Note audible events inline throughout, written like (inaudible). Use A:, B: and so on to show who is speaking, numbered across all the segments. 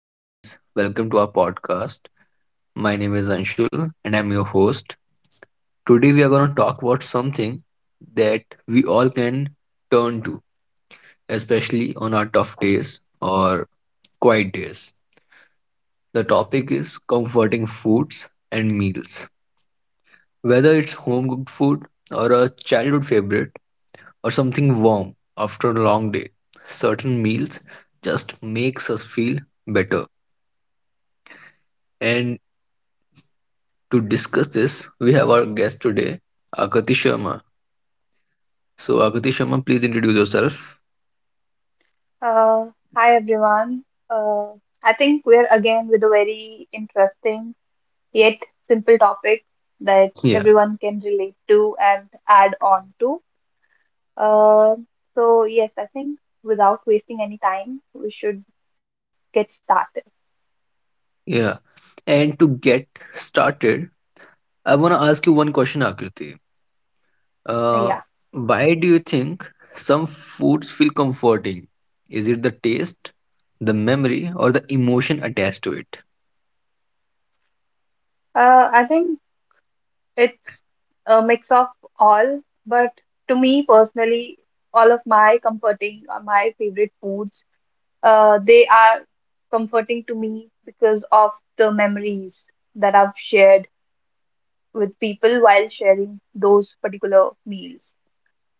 A: Hey guys, welcome to our podcast. My name is Anshul and I'm your host. Today we are going to talk about something that we all can turn to, especially on our tough days or quiet days. The topic is comforting foods and meals. Whether it's home cooked food or a childhood favorite or something warm after a long day, certain meals just makes us feel better. And To discuss this, we have our guest today, Akati Sharma. So, Akati Sharma, please introduce yourself.
B: Uh, Hi everyone. Uh, I think we're again with a very interesting yet simple topic that
A: Yeah,
B: everyone can relate to and add on to. Uh, so yes, I think without wasting any time, we should get started.
A: yeah. And to get started, I want to ask you one question, Akriti.
B: Yeah.
A: Uh, why do you think some foods feel comforting? Is it the taste, the memory, or the emotion attached to it?
B: I think it's a mix of all, but to me personally, all of my comforting or my favorite foods. They are comforting to me because of the memories that I've shared with people while sharing those particular meals.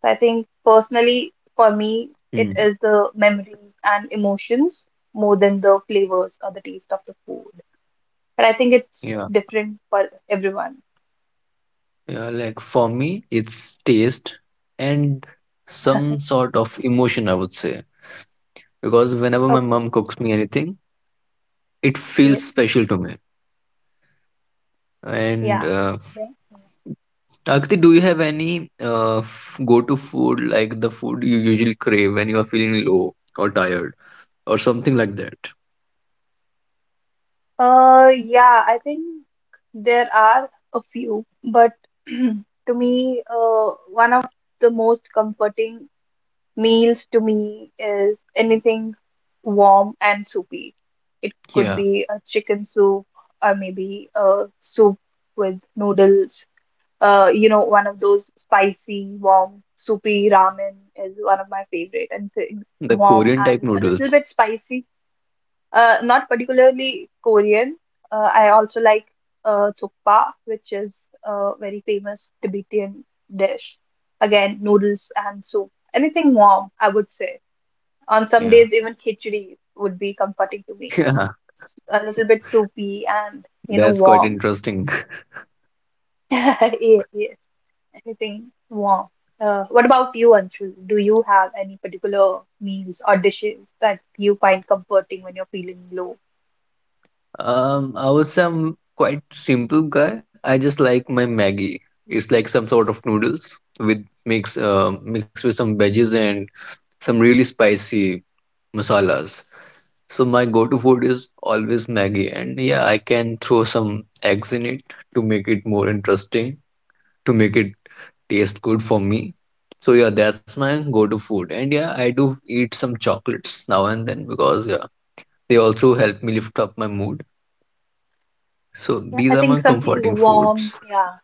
B: So I think personally, for me, it
A: Hmm.
B: is the memories and emotions more than the flavors or the taste of the food. But I think it's
A: Yeah,
B: different for everyone.
A: yeah. Like for me, it's taste and some sort of emotion, I would say. Because whenever my
B: Okay.
A: mom cooks me anything, it feels
B: Yes.
A: special to me. And
B: Yeah. Yeah.
A: Akti, do you have any go-to food like the food you usually crave when you are feeling low or tired or something like that?
B: Yeah, I think there are a few, but (clears throat) to me, one of the most comforting meals to me is anything warm and soupy. It could
A: Yeah,
B: be a chicken soup or maybe a soup with noodles. You know, one of those spicy, warm, soupy ramen is one of my favorite
A: the
B: warm
A: Korean type
B: and a little
A: noodles.
B: bit spicy not particularly Korean. I also like thukpa, which is a very famous Tibetan dish. Again, noodles and soup. Anything warm, I would say. On some
A: Yeah,
B: days, even khichdi would be comforting to
A: (laughs)
B: me.
A: yeah,
B: A little bit soupy and, you know,
A: that's quite
B: warm.
A: interesting. (laughs)
B: (laughs) Yeah, yes, anything warm. What about you, Anshu? Do you have any particular meals or dishes that you find comforting when you're feeling low?
A: I was some quite simple guy. I just like my Maggie. It's like some sort of noodles with mixed with some veggies and some really spicy masalas. So my go-to food is always Maggi, and yeah, I can throw some eggs in it to make it more interesting, to make it taste good for me. So yeah, that's my go-to food. And yeah, I do eat some chocolates now and then because yeah, they also help me lift up my mood. So
B: Yeah,
A: these
B: I
A: are
B: think
A: my
B: something
A: comforting
B: warm,
A: foods.
B: yeah,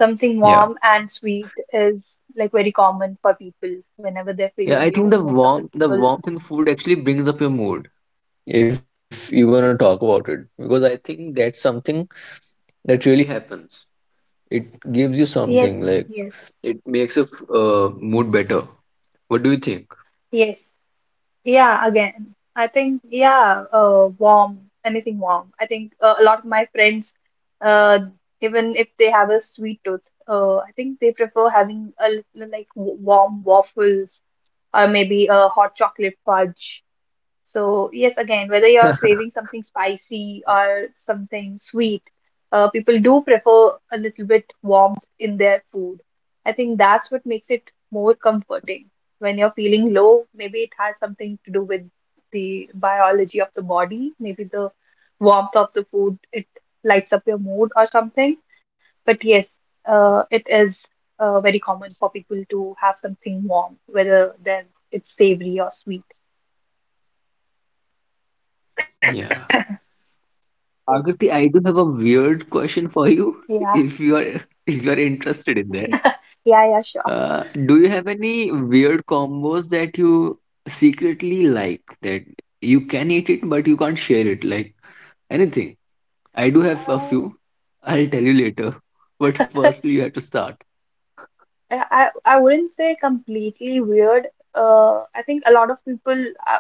B: something
A: Yeah.
B: warm and sweet is like very common for people whenever they're
A: Yeah,
B: feeling
A: I think
B: low.
A: the
B: Most of the
A: warmth the
B: people,
A: warmth in food actually brings up your mood if you're gonna talk about it. Because I think that's something that really happens. It gives you
B: yes,
A: something like
B: yes,
A: it makes a mood better. What do you think?
B: yes, yeah, again, I think, yeah, warm, anything warm. I think a lot of my friends, uh, even if they have a sweet tooth, I think they prefer having a little, like warm waffles or maybe a hot chocolate fudge. So, yes, again, whether you're craving something spicy or something sweet, people do prefer a little bit warmth in their food. I think that's what makes it more comforting. When you're feeling low, maybe it has something to do with the biology of the body, maybe the warmth of the food, it lights up your mood or something. But yes, it is very common for people to have something warm, whether then it's savory or sweet.
A: (laughs) Yeah. Agarthi, I do have a
B: Yes.
A: weird question for you. (laughs) If you are if
B: Yeah.
A: you are interested in that,
B: Yeah, yeah,
A: do you
B: sure.
A: have any weird combos that you secretly like that you can eat it but you can't share it? Like anything. I do have a few.
B: Uh,
A: I'll tell you later. But firstly, you have to
B: (laughs)
A: start.
B: I wouldn't say completely weird. I think a lot of people uh,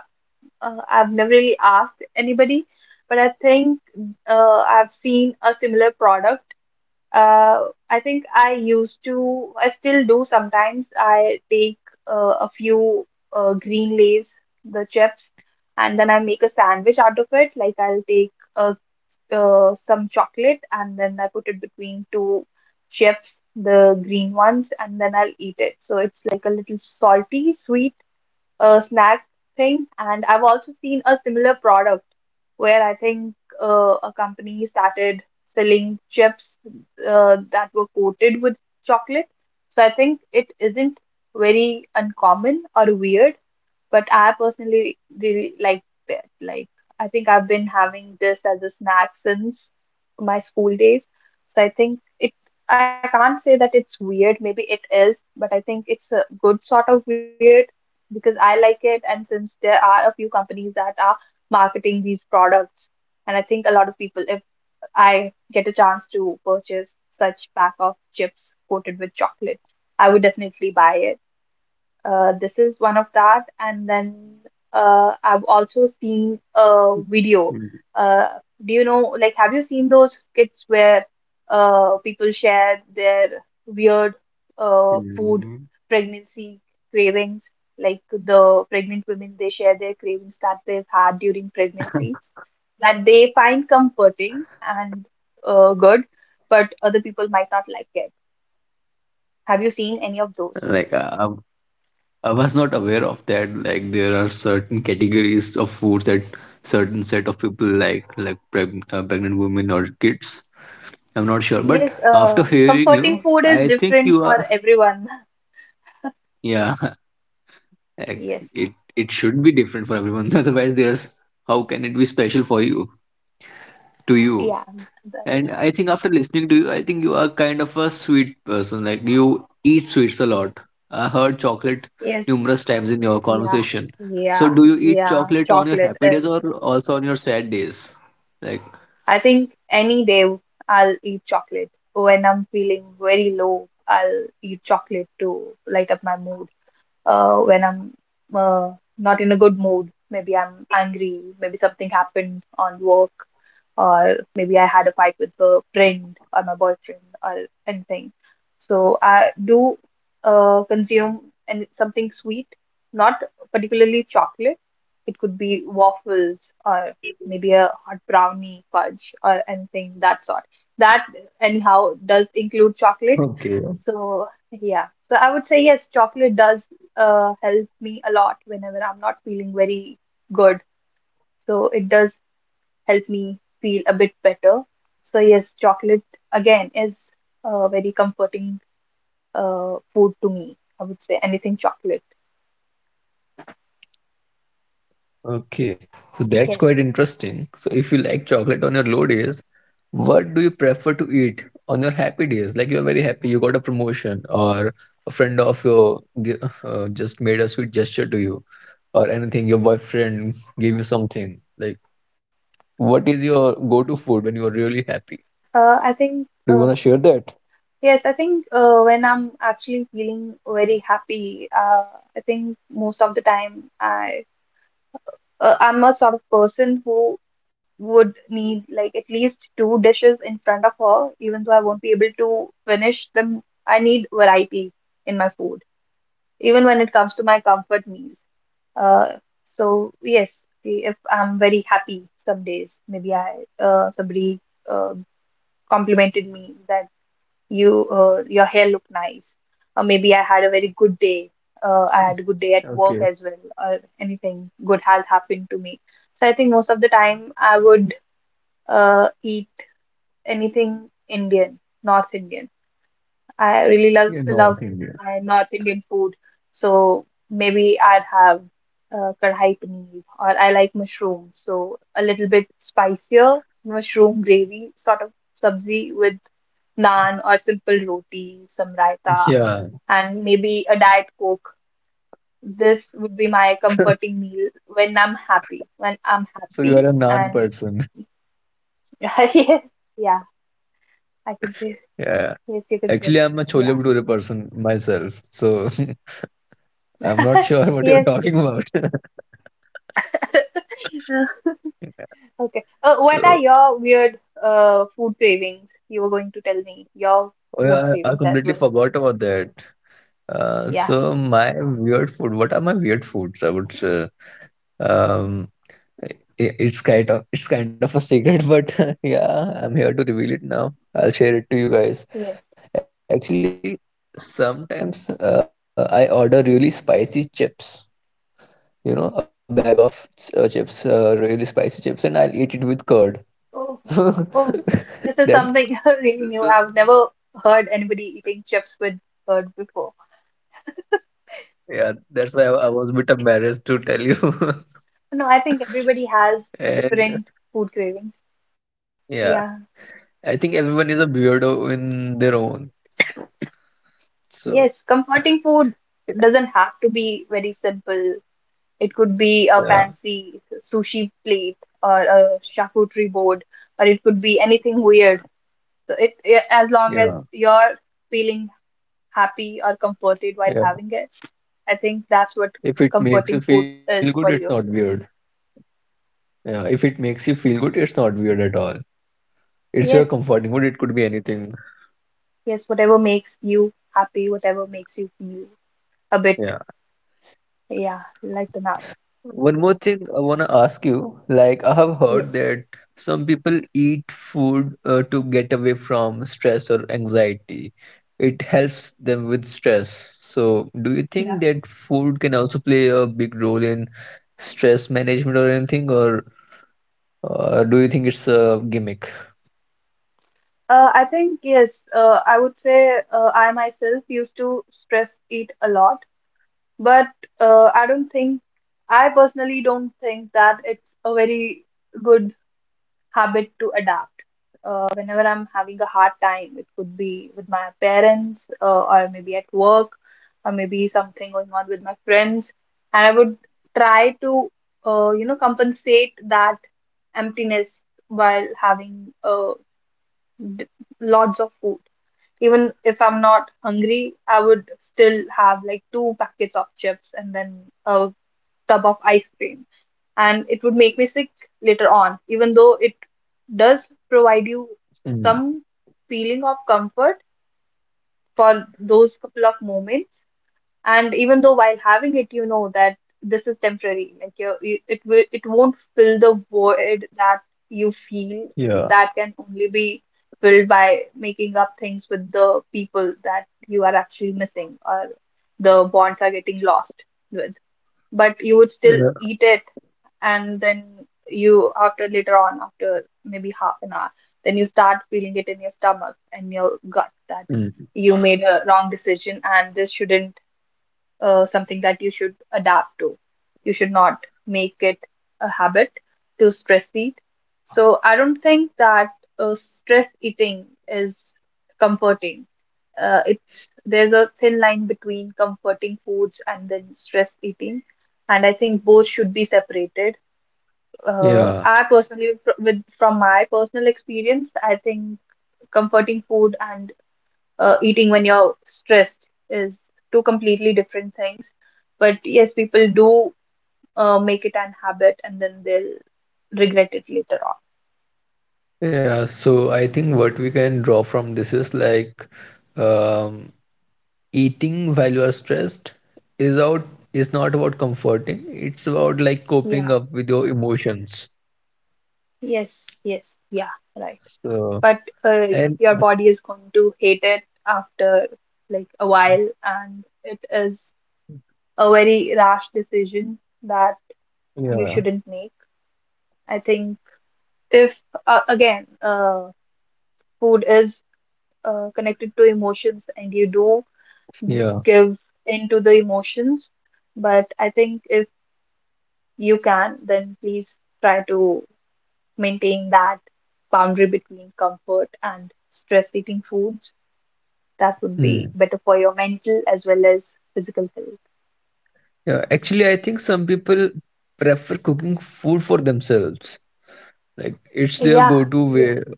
B: I've never really asked anybody, but I think I've seen a similar product. I think I used to, I still do sometimes. I take a few green lays, the chips, and then I make a sandwich out of it. Like I'll take a some chocolate and then I put it between two chips, the green ones, and then I'll eat it. So it's like a little salty, sweet a snack thing. And I've also seen a similar product where I think a company started selling chips that were coated with chocolate. So I think it isn't very uncommon or weird, but I personally really like it. Like, I think I've been having this as a snack since my school days. So I think I can't say that it's weird, maybe it is, but I think it's a good sort of weird because I like it. And since there are a few companies that are marketing these products, and I think a lot of people, if I get a chance to purchase such pack of chips coated with chocolate, I would definitely buy it. This is one of that. And then I've also seen a video.
A: Mm,
B: Uh, do you know, like, have you seen those skits where people share their weird food
A: mm.
B: pregnancy cravings? Like the pregnant women, they share their cravings that they've had during pregnancies
A: (laughs)
B: that they find comforting and good, but other people might not like it. Have you seen
A: Like
B: any of those?
A: I was not aware of that. Like there are certain categories of foods that certain set of people like pregnant women or kids. I'm not sure, but
B: Yes,
A: after hearing you,
B: comforting
A: I
B: food
A: think
B: is
A: you are.
B: different for everyone. (laughs)
A: Yeah, (laughs) like,
B: Yes,
A: it should be different for everyone. (laughs) Otherwise, there's how can it be special for you to you?
B: yeah, that is
A: And
B: true.
A: I think after listening to you, I think you are kind of a sweet person. Like you eat sweets a lot. I heard chocolate
B: Yes,
A: numerous times in your
B: yeah,
A: conversation. So
B: yeah,
A: do you eat
B: yeah.
A: chocolate on your
B: Chocolate
A: happy days
B: is,
A: or also on your sad days? Like
B: I think any day I'll eat chocolate. When I'm feeling very low, I'll eat chocolate to light up my mood. When I'm uh, not in a good mood, maybe I'm angry, maybe something happened on work, or maybe I had a fight with a friend or my boyfriend or anything. So I do consume and something sweet, not particularly chocolate. It could be waffles or maybe a hot brownie fudge or anything that sort. That anyhow does
A: okay,
B: include chocolate. So yeah. So I would say yes, chocolate does help me a lot whenever I'm not feeling very good. So it does help me feel a bit better. So yes, chocolate again is a very comforting food to me. I would say anything chocolate.
A: okay. So that's quite
B: Yes.
A: interesting. So if you like chocolate on your low days, what do you prefer to eat on your happy days? Like you are very happy, you got a promotion, or a friend of your gi- just made a sweet gesture to you, or anything. Your boyfriend gave you something. Like, what is your go-to food when you are really happy?
B: I think
A: Do you want to share that?
B: yes, I think when I'm actually feeling very happy, I think most of the time I'm a sort of person who would need like at least two dishes in front of her, even though I won't be able to finish them. I need variety in my food, even when it comes to my comfort meals. Uh, so yes, if I'm very happy some days, maybe I somebody uh, complimented me that your hair looked nice, or maybe I had a very good day. I had a good day at work as well,
A: (laughs)
B: or
A: Okay,
B: anything good has happened to me. So I think most of the time I would eat anything Indian, North Indian. I really love my North
A: you're
B: Indian food,
A: North Indian.
B: so maybe I'd have kadhai paneer, or I like mushroom, so a little bit spicier mushroom gravy sort of sabzi with naan or simple roti, some raita, and maybe a diet
A: Yeah,
B: coke. This would be my comforting meal when I'm happy.
A: (laughs)
B: When I'm happy, and
A: so you are a naan
B: (laughs)
A: person.
B: yes, yeah, I can say yes. You can say that. Yeah,
A: Yeah, actually, I'm a chole bhature person myself. So
B: (laughs) yes.
A: (laughs) I'm not sure (laughs) what you're talking about.
B: (laughs) Okay. What are
A: (laughs)
B: your weird
A: So
B: food cravings? You were going to tell me your food cravings as well.
A: oh yeah, I completely forgot about
B: Yeah.
A: that. So my weird food. What are my weird foods? I would say. Um, i- it's kind of a secret, but (laughs) yeah, I'm here to reveal it now.
B: Yes.
A: I'll share it to you guys. Actually, sometimes I order really spicy chips. You know, a bag of chips, really spicy chips, and I'll eat it with curd. (laughs)
B: Oh,
A: So
B: oh, this is
A: that's
B: something (laughs) really new.
A: so
B: I've never heard anybody eating chips with curd before.
A: yeah. That's why I was a bit embarrassed to tell you.
B: No, I think everybody has
A: (laughs)
B: different
A: And
B: food cravings. Yeah.
A: yeah. I think everyone is a weirdo in their own.
B: Yes.
A: So
B: Comforting food doesn't
A: yeah.
B: have to be very simple. It could be a
A: Yeah,
B: fancy sushi plate or a charcuterie board, or it could be anything weird. So it, as long as
A: yeah,
B: you're feeling happy or comforted while having it,
A: yeah.
B: I think that's what
A: If it
B: comforting food
A: makes you feel
B: is
A: good,
B: for
A: it's
B: you.
A: not weird. Yeah, if it makes you feel good, it's not weird at all. It's your
B: Yes,
A: comforting food. It could be anything.
B: yes, whatever makes you happy, whatever makes you feel a bit,
A: Yeah.
B: yeah, lighten up.
A: One more thing I want to ask you, like I have heard
B: Yes,
A: that some people eat food to get away from stress or anxiety. It helps them with stress. So, do you
B: yeah.
A: think that food can also play a big role in stress management or anything, or do you think it's a gimmick?
B: I think yes. I would say I myself used to stress eat a lot, but uh, I don't think I personally don't think that it's a very good habit to adapt. Whenever I'm having a hard time, it could be with my parents, or maybe at work, or maybe something going on with my friends. And I would try to, you know, compensate that emptiness while having d- lots of food. Even if I'm not hungry, I would still have like two packets of chips and then a tub of ice cream and it would make me sick later on, even though it does provide you
A: Mm,
B: some feeling of comfort for those couple of moments. And even though while having it, you know that this is temporary, like it will, it won't fill the void that you feel
A: yeah.
B: that can only be filled by making up things with the people that you are actually missing or the bonds are getting lost with. But you would still
A: Yeah.
B: eat it and then you after later on after maybe half an hour then you start feeling it in your stomach and your gut that
A: Mm,
B: you made a wrong decision and this shouldn't something that you should adapt to, you should not make it a habit to stress eat. So I don't think that stress eating is comforting. It's there's a thin line between comforting foods and then stress eating, and I think both should be separated. I
A: yeah.
B: personally, fr- with from my personal experience, I think comforting food and eating when you're stressed is two completely different things. But yes, people do make it an habit and then they'll regret it later
A: Yeah. So I think what we can draw from this is like, um, eating while you are stressed is out is not about comforting, it's about like
B: on. Yeah.
A: coping up with your emotions
B: Yes. Yes. Yeah. Right. But
A: so
B: uh, your
A: and
B: body is going to hate it after like a while, and it is a very rash decision that you
A: yeah,
B: shouldn't make. I think if again food is connected to emotions and you do
A: yeah.
B: give into the emotions, but I think if you can, then please try to maintain that boundary between comfort and stress eating foods. That would be
A: Hmm.
B: better for your mental as well as physical health.
A: Yeah, actually I think some people prefer cooking food for themselves, like it's
B: Yeah.
A: their go-to
B: Yes.
A: way,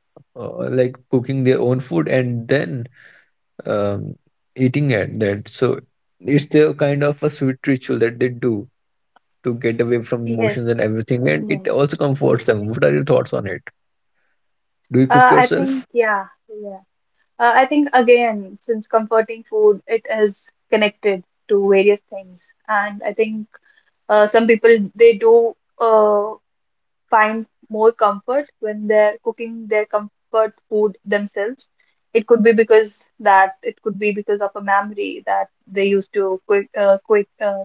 A: like cooking their own food and then um, eating at that, so it's their kind of a sweet ritual that they do to get away from
B: Yes.
A: emotions and everything, and
B: Yes.
A: it also comforts
B: yes.
A: them. What are your thoughts on it? Do you
B: uh, i
A: cook
B: think
A: yourself?
B: yeah yeah Uh, I think again, since comforting food, it is connected to various things, and I think some people they do find more comfort when they're cooking their comfort food themselves. It could be because of a memory that they used to quick, quick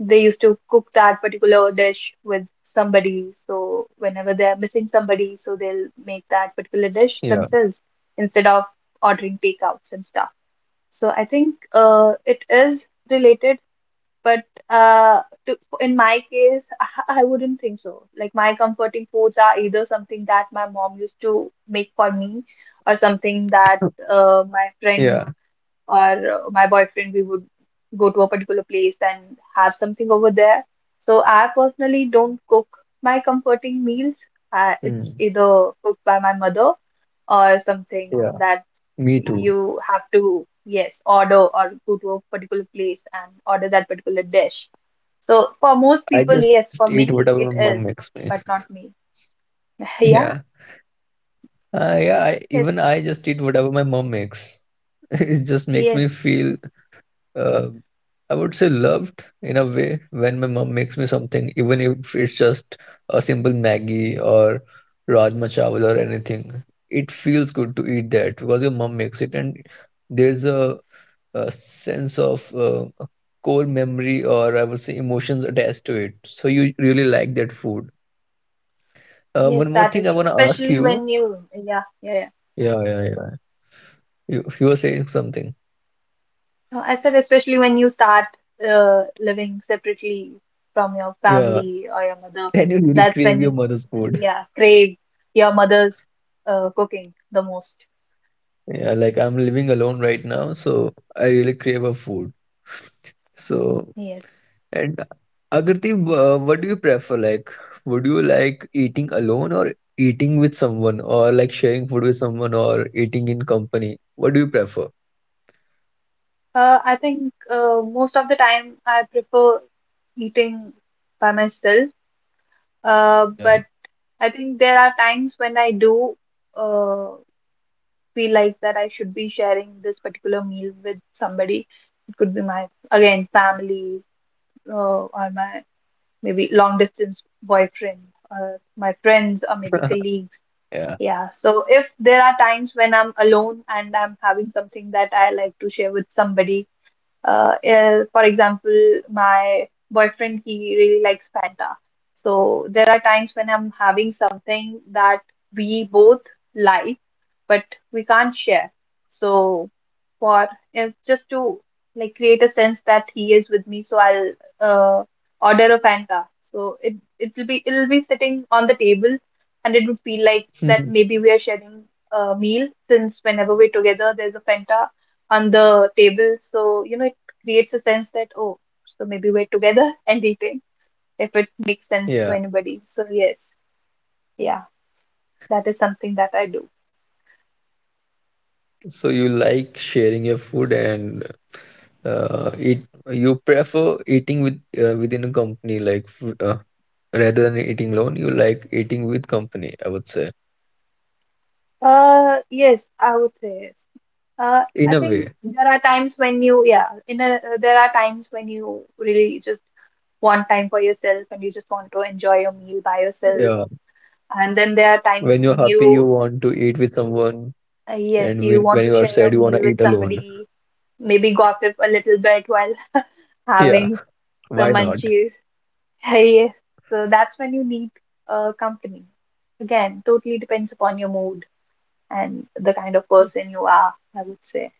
B: they used to cook that particular dish with somebody. So whenever they're missing somebody, so they'll make that particular dish
A: Yeah,
B: themselves instead of ordering takeouts and stuff. So I think it is related, but to, in my case, (laughs) I wouldn't think so. Like my comforting foods are either something that my mom used to make for me, or something that my friend
A: yeah,
B: or my boyfriend, we would go to a particular place and have something over there. So I personally don't cook my comforting meals. It's
A: mm,
B: either cooked by my mother, or something
A: yeah.
B: that
A: Me too.
B: you have to, yes, order, or go to a particular place and order that particular dish. So for most
A: I
B: people, yes,
A: just
B: for
A: eat
B: many
A: whatever my
B: it
A: mom
B: is,
A: makes me.
B: but
A: (laughs)
B: not me. (laughs) Yeah,
A: Yeah, yeah.
B: yes,
A: Even I just eat whatever my mom makes. (laughs) It just makes me
B: yes,
A: feel Uh, I would say loved in a way when my mom makes me something, even if it's just a simple Maggie or Rajma Chawal or anything. It feels good to eat that because your mom makes it, and there's a sense of a core memory or I would say emotions attached to it. So you really like that food.
B: yes,
A: One
B: that
A: more
B: is
A: thing
B: true.
A: I want to
B: Especially
A: ask
B: when
A: you.
B: you, yeah, yeah, yeah.
A: Yeah, yeah, yeah. You were saying something.
B: No, I said, especially when you start living separately from your
A: Yeah. (laughs)
B: family or your mother,
A: Then you really
B: that's when
A: crave
B: you,
A: your mother's food.
B: yeah, crave your mother's cooking the most.
A: Yeah, like I'm living alone right now, so I really crave a food. So,
B: Yes.
A: and Agarthi, what do you prefer? Like, would you like eating alone or eating with someone, or like sharing food with someone, or eating in company? What do you prefer?
B: I think most of the time I prefer eating by myself. But
A: Yeah,
B: I think there are times when I do uh, feel like that I should be sharing this particular meal with somebody. It could be my, again, family, uh, or my maybe long distance boyfriend, or my friends, or maybe colleagues.
A: yeah,
B: Yeah. So if there are times when I'm alone and I'm having something that I like to share with somebody, for example, my boyfriend, he really likes Fanta. So there are times when I'm having something that we both like, but we can't share. So for if just to like create a sense that he is with me, so I'll uh, order a Fanta. So it'll be sitting on the table, and it would feel like that
A: (laughs)
B: maybe we are sharing a meal, since whenever we're together, there's a Fanta on the table. So you know it creates a sense that, oh, so maybe we're together (laughs) and eating, if it makes sense
A: yeah.
B: to anybody. So yes, yeah, that is something that I do.
A: So you like sharing your food and eat. You prefer eating with within a company, like rather than eating alone. You like eating with company, I would say.
B: Yes, I would say yes.
A: In a
B: I
A: way,
B: think there are times when you, yeah, there are times when you really just want time for yourself and you just want to enjoy your meal by
A: yeah.
B: yourself. And then there are
A: When you're
B: times
A: happy,
B: when
A: you
B: you,
A: want to eat with someone, and
B: yes,
A: when
B: you
A: you are
B: want to
A: sad, you
B: share
A: want to
B: your
A: eat
B: meal with
A: alone. (laughs)
B: somebody, maybe gossip a little bit while (laughs)
A: Yeah,
B: having
A: why
B: some
A: not?
B: munchies. (laughs) Yes, so that's when you need company. Again, totally depends upon your mood and the kind of person you are, I would say.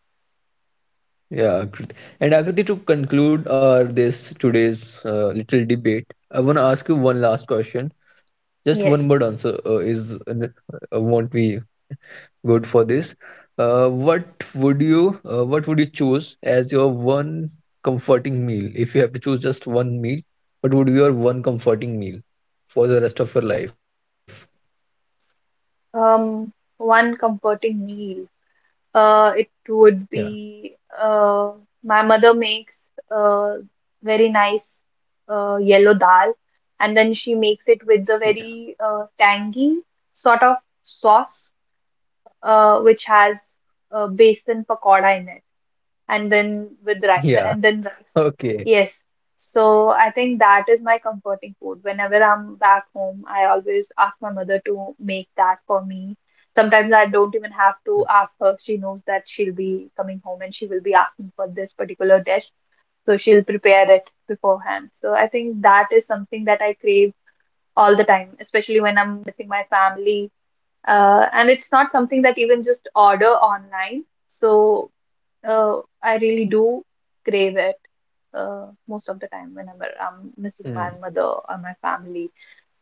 A: Yeah, Akrit- and Akriti, to conclude our this today's little debate, I want to ask you one last question. Just one word answer
B: Yes.
A: is won't be good for this. Uh, what what would you choose as your one comforting meal? If you have to choose just one meal, what would be your one comforting meal for the rest of your life?
B: Um, One comforting meal. It
A: Yeah.
B: would be uh, my mother makes uh, very nice yellow dal, and then she makes it
A: Yeah.
B: with the very tangy sort of sauce, which has besan pakoda in it, and then with
A: Yeah.
B: rice and
A: (laughs)
B: then rice.
A: Okay.
B: Yes. So I think that is my comforting food. Whenever I'm back home, I always ask my mother to make that for me. Sometimes I don't even have to ask her. She knows that she'll be coming home and she will be asking for this particular dish. So she'll prepare it beforehand. So I think that is something that I crave all the time, especially when I'm missing my family. And it's not something that even just order online. So I really do crave it most of the time
A: Mm,
B: whenever I'm missing my mother or my family.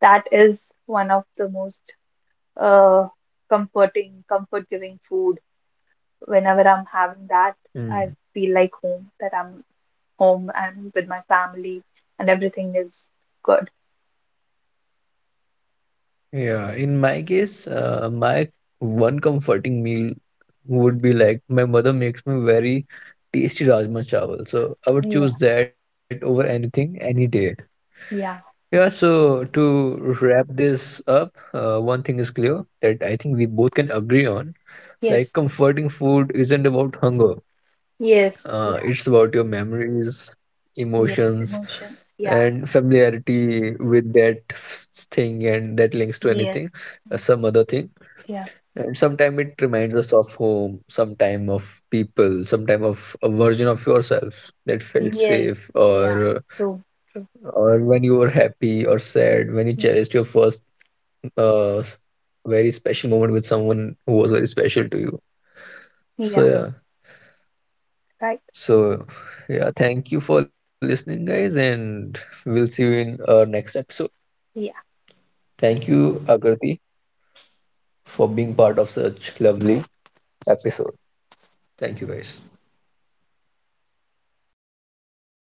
B: That is one of the most uh, comforting, comfort giving food. Whenever I'm
A: mm.
B: having that, I feel like home, that I'm home and with my family and everything is good.
A: Yeah. In my case, my one comforting meal would be like my mother makes me very tasty rajma chawal. So I would choose that over
B: Yeah,
A: anything any day. Yeah, so
B: yeah,
A: to wrap this up, one thing is clear that I think we both can agree on. Like, comforting
B: yes,
A: food isn't about hunger, it's about
B: yes,
A: your
B: yeah,
A: memories, emotions,
B: yes,
A: and
B: emotions, yeah,
A: familiarity with that thing, and that links to anything,
B: yes,
A: some other thing. And
B: yeah,
A: sometimes it reminds us of home, sometime of people, sometime of a version of yourself that felt safe
B: yeah, yes, yeah, true,
A: or
B: true,
A: when you were happy or sad, when you cherished your
B: yeah.
A: first uh, very special moment with someone who was very special to you. So yeah,
B: Yeah. Right.
A: so yeah, thank you for listening, guys, and we'll see you in our next episode.
B: Yeah.
A: Thank you, Agarthi, for being part of such lovely episode. Thank you, guys.